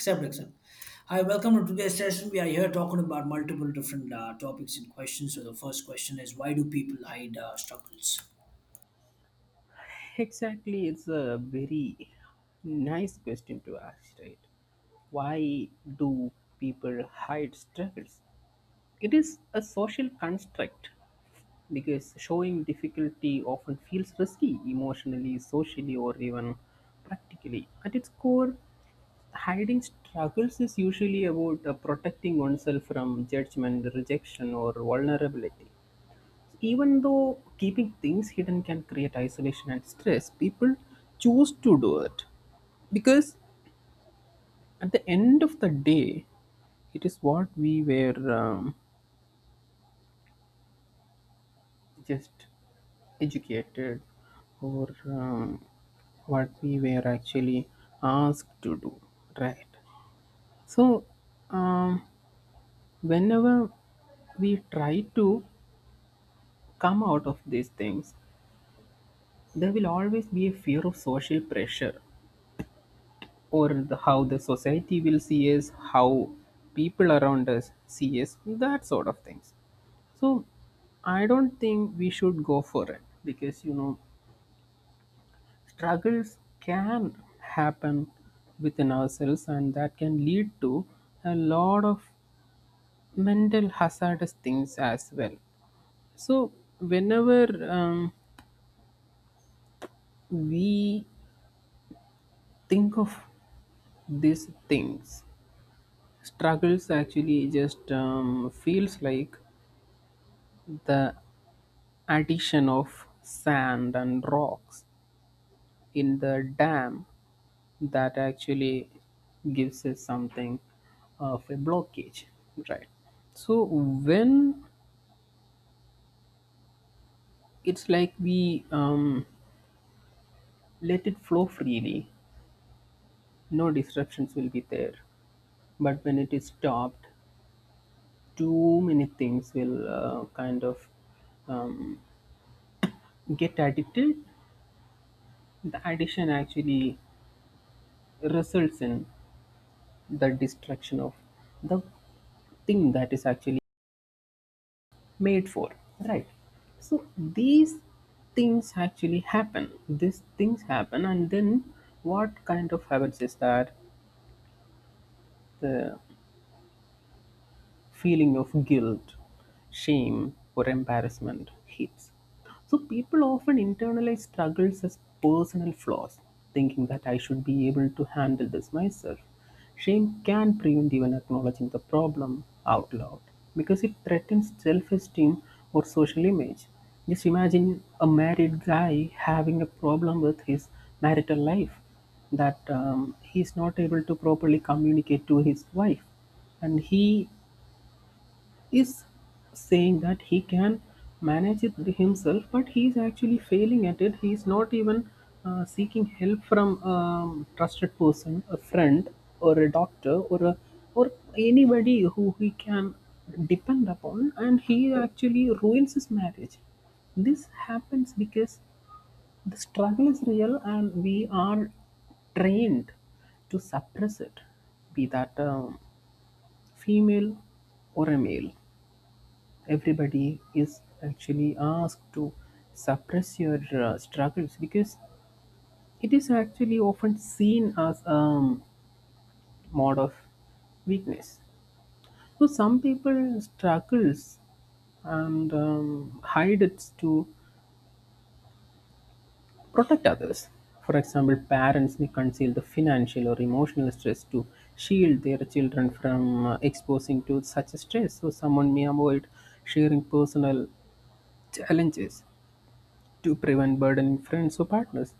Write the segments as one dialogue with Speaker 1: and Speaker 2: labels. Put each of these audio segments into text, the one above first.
Speaker 1: Accept, accept. Hi, welcome to today's session. We are here talking about multiple different topics and questions. So the first question is, why do people hide struggles?
Speaker 2: Exactly, it's a very nice question to ask, right? Why do people hide struggles? It is a social construct because showing difficulty often feels risky emotionally, socially, or even practically. At its core, hiding struggles is usually about protecting oneself from judgment, rejection, or vulnerability. Even though keeping things hidden can create isolation and stress, people choose to do it because at the end of the day, it is what we were just educated or what we were actually asked to do, right? So, um, Whenever we try to come out of these things, there will always be a fear of social pressure or how the society will see us, how people around us see us, that sort of things. So I don't think we should go for it because struggles can happen within ourselves and that can lead to a lot of mental hazardous things as well. So whenever we think of these things, struggles actually just feels like the addition of sand and rocks in the dam that actually gives us something of a blockage, right? So when it's like we, let it flow freely, no disruptions will be there, but when it is stopped too many things will kind of um, get addicted. The addition actually results in the destruction of the thing that is actually made for, right? So these things actually happen these things happen and then what kind of happens is that the feeling of guilt, shame, or embarrassment hits. So people often internalize struggles as personal flaws, thinking that I should be able to handle this myself. Shame can prevent even acknowledging the problem out loud because it threatens self esteem or social image. Just imagine a married guy having a problem with his marital life, that he is not able to properly communicate to his wife and he is saying that he can manage it himself, but he is actually failing at it. He is not even seeking help from a trusted person, a friend, or a doctor, or anybody who he can depend upon, and he actually ruins his marriage. This happens because the struggle is real, and we are trained to suppress it, be that a female or a male. Everybody is actually asked to suppress your struggles because it is actually often seen as a mode of weakness. So some people struggles and hide it to protect others. For example, parents may conceal the financial or emotional stress to shield their children from exposing to such stress. So someone may avoid sharing personal challenges to prevent burdening friends or partners.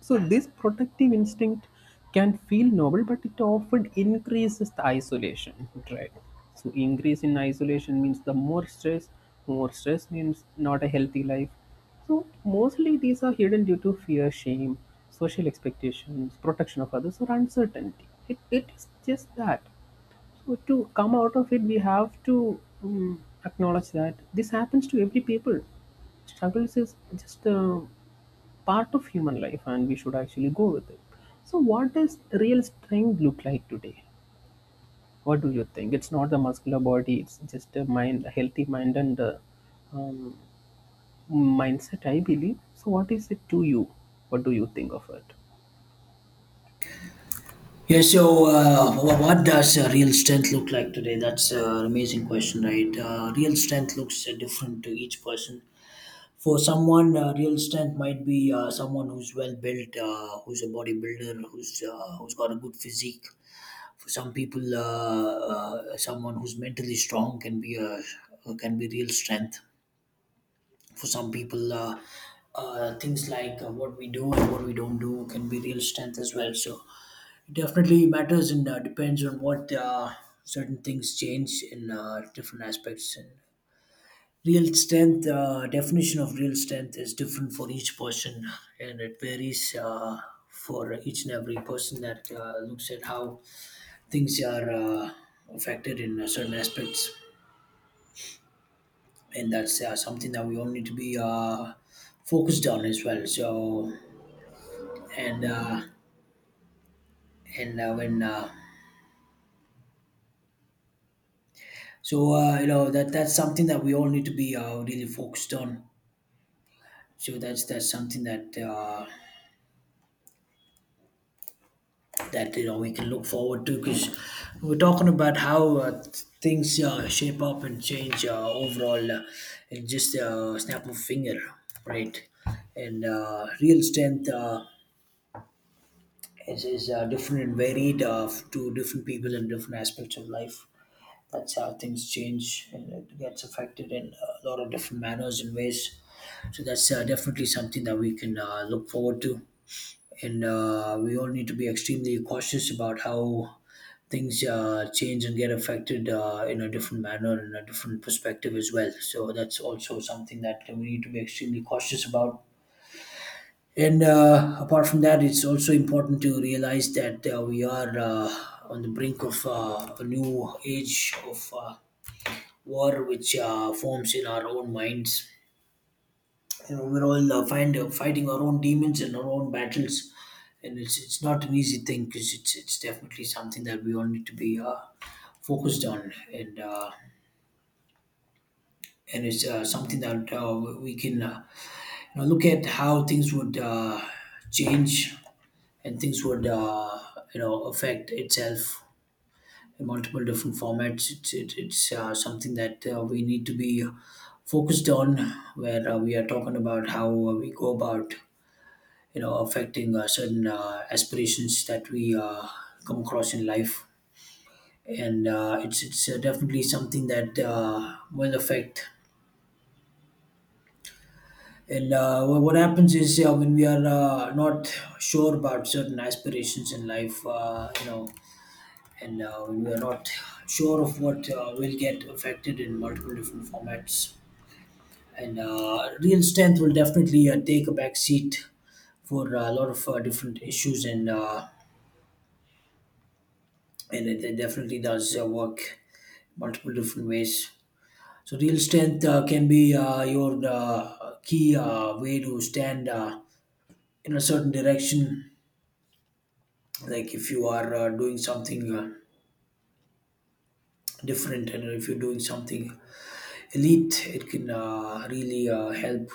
Speaker 2: So this protective instinct can feel noble, but it often increases the isolation, right? So increase in isolation means the more stress means not a healthy life. So mostly these are hidden due to fear, shame, social expectations, protection of others, or uncertainty. It is just that. So to come out of it we have to acknowledge that this happens to every people. Struggles is just a part of human life and we should actually go with it. So what does real strength look like today? What do you think? It's not the muscular body, it's just a mind, a healthy mind and um, mindset, I believe. So what is it to you? What do you think of it?
Speaker 1: Yeah. So what does real strength look like today? That's an amazing question, right? Real strength looks different to each person. For someone, real strength might be someone who's well built, who's a bodybuilder, who's got a good physique. For some people, someone who's mentally strong can be a can be real strength for some people things like what we do and what we don't do can be real strength as well, so it definitely matters and depends on what certain things change in different aspects. And real strength, definition of real strength is different for each person, and it varies for each and every person that looks at how things are affected in certain aspects, and that's something that we all need to be focused on as well. So and uh, and when so You know, that that's something that we all need to be really focused on. So that's something that that you know we can look forward to, because we're talking about how things shape up and change overall, in just a snap of a finger, right? And real strength, is different and varied to different people in different aspects of life. That's how things change and it gets affected in a lot of different manners and ways. So that's definitely something that we can look forward to. And we all need to be extremely cautious about how things change and get affected in a different manner and a different perspective as well. So that's also something that we need to be extremely cautious about. And apart from that, it's also important to realize that we are on the brink of a new age of war, which forms in our own minds. You know, we're all fighting our own demons and our own battles, and it's not an easy thing because it's definitely something that we all need to be focused on. And and it's something that we can, you know, look at how things would change and things would, you know, affect itself in multiple different formats. It's something that we need to be focused on, where we are talking about how we go about, you know, affecting certain aspirations that we come across in life. And it's definitely something that will affect. And what happens is, when we are not sure about certain aspirations in life, you know, and when we are not sure of what will get affected in multiple different formats. And real strength will definitely take a back seat for a lot of different issues. And it definitely does work multiple different ways. So real strength can be your key way to stand in a certain direction. Like if you are doing something different, and if you're doing something elite, it can really help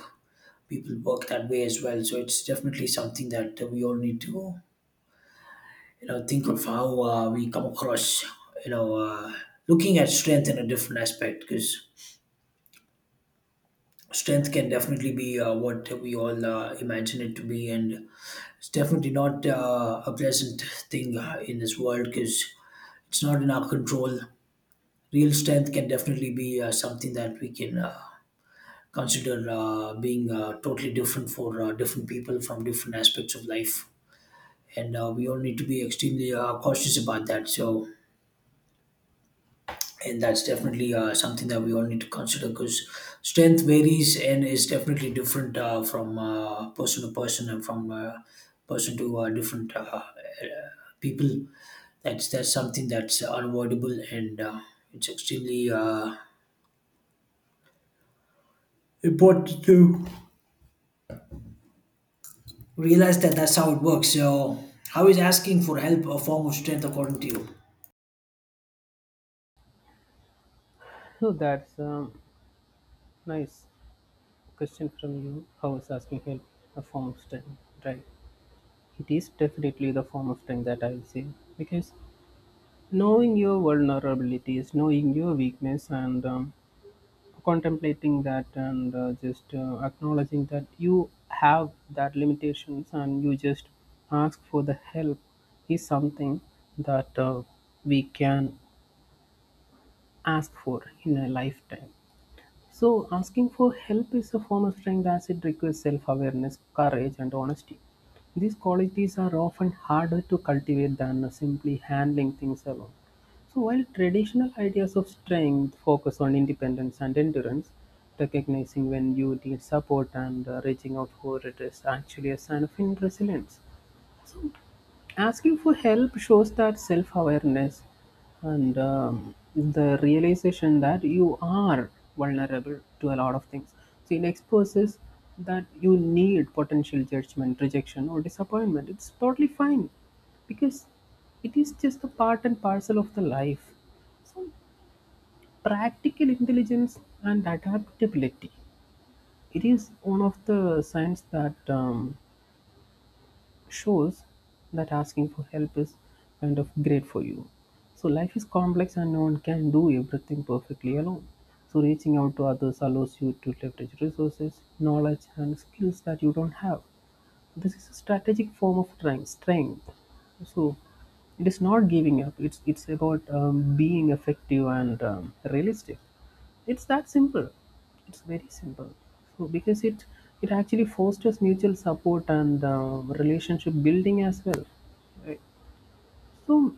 Speaker 1: people work that way as well. So it's definitely something that we all need to, you know, think of how we come across, you know, looking at strength in a different aspect, because strength can definitely be what we all imagine it to be, and it's definitely not a pleasant thing in this world, because it's not in our control. Real strength can definitely be something that we can consider being totally different for different people from different aspects of life. And we all need to be extremely cautious about that. So, and that's definitely something that we all need to consider, because strength varies and is definitely different from person to person, and from person to different people. That's something that's unavoidable, and it's extremely important to realize that that's how it works. So, how is asking for help a form of strength according to you?
Speaker 2: So that's a nice question from you. How is asking help a form of strength, right? It is definitely the form of strength that I'll say, because knowing your vulnerabilities, knowing your weakness, and contemplating that and just acknowledging that you have that limitations and you just ask for the help is something that we can ask for in a lifetime. So asking for help is a form of strength as it requires self awareness, courage, and honesty. These qualities are often harder to cultivate than simply handling things alone. So while traditional ideas of strength focus on independence and endurance, recognizing when you need support and reaching out for it is actually a sign of inner resilience. So asking for help shows that self awareness and the realization that you are vulnerable to a lot of things. So it exposes that you need potential judgment, rejection, or disappointment. It's totally fine because it is just a part and parcel of the life. So, practical intelligence and adaptability. It is one of the signs that shows that asking for help is kind of great for you. So life is complex and no one can do everything perfectly alone. So reaching out to others allows you to leverage resources, knowledge and skills that you don't have. This is a strategic form of strength. So it is not giving up, it's about being effective and realistic. It's that simple, it's very simple. So because it actually fosters mutual support and relationship building as well, right? So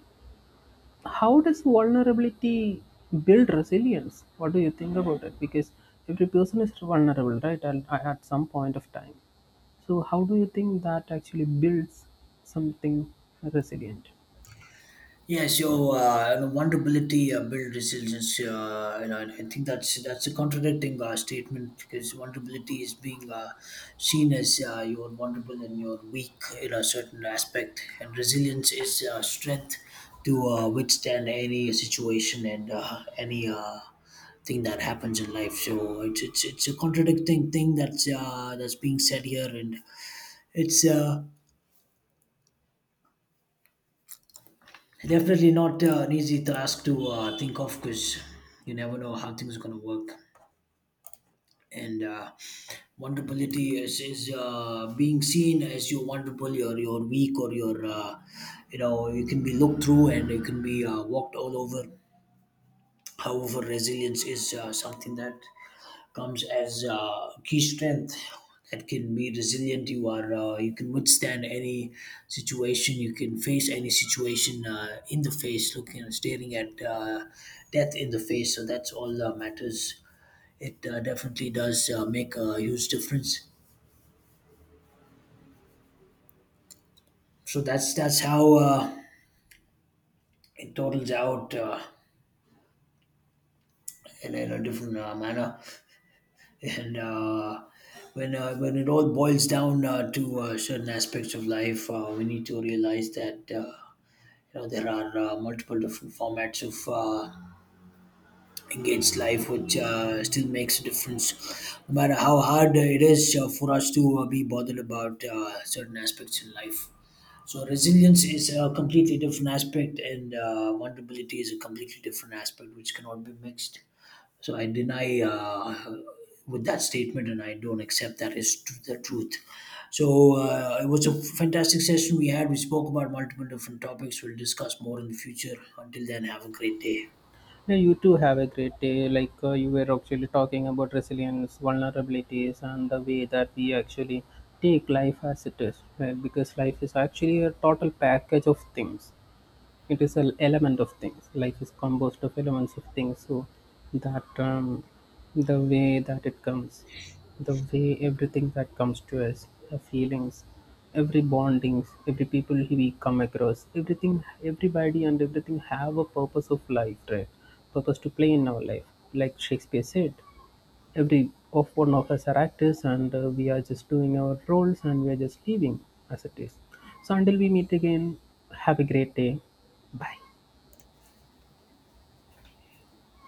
Speaker 2: how does vulnerability build resilience? What do you think about it? Because every person is vulnerable, right, at some point of time. So how do you think that actually builds something resilient?
Speaker 1: Yeah, so you know, vulnerability build resilience. You know, and I think that's a contradicting statement, because vulnerability is being seen as you're vulnerable and you're weak in a certain aspect, and resilience is strength to withstand any situation and any thing that happens in life. So it's a contradicting thing that's being said here, and it's definitely not an easy task to think of, because you never know how things are going to work. And vulnerability is being seen as you're vulnerable, you're weak, or you're, you know, you can be looked through and you can be walked all over. However, resilience is something that comes as key strength that can be resilient. You are you can withstand any situation. You can face any situation in the face, looking staring at death in the face. So that's all that matters. It definitely does make a huge difference. So that's how it totals out in a different manner. And when it all boils down to certain aspects of life, we need to realize that you know there are multiple different formats of engaged life, which still makes a difference, no matter how hard it is for us to be bothered about certain aspects in life. So resilience is a completely different aspect, and vulnerability is a completely different aspect, which cannot be mixed. So I deny with that statement, and I don't accept that is the truth. So it was a fantastic session we had. We spoke about multiple different topics. We'll discuss more in the future. Until then, have a great day.
Speaker 2: Yeah, you too, have a great day. Like you were actually talking about resilience, vulnerabilities, and the way that we actually take life as it is, right? Because life is actually a total package of things. It is an element of things. Life is composed of elements of things. So that, the way that it comes, the way everything that comes to us, the feelings, every bondings, every people we come across, everything, everybody and everything have a purpose of life, right? Purpose to play in our life. Like Shakespeare said, every of one of us are actors and we are just doing our roles and we are just leaving as it is. So until we meet again, have a great day. Bye.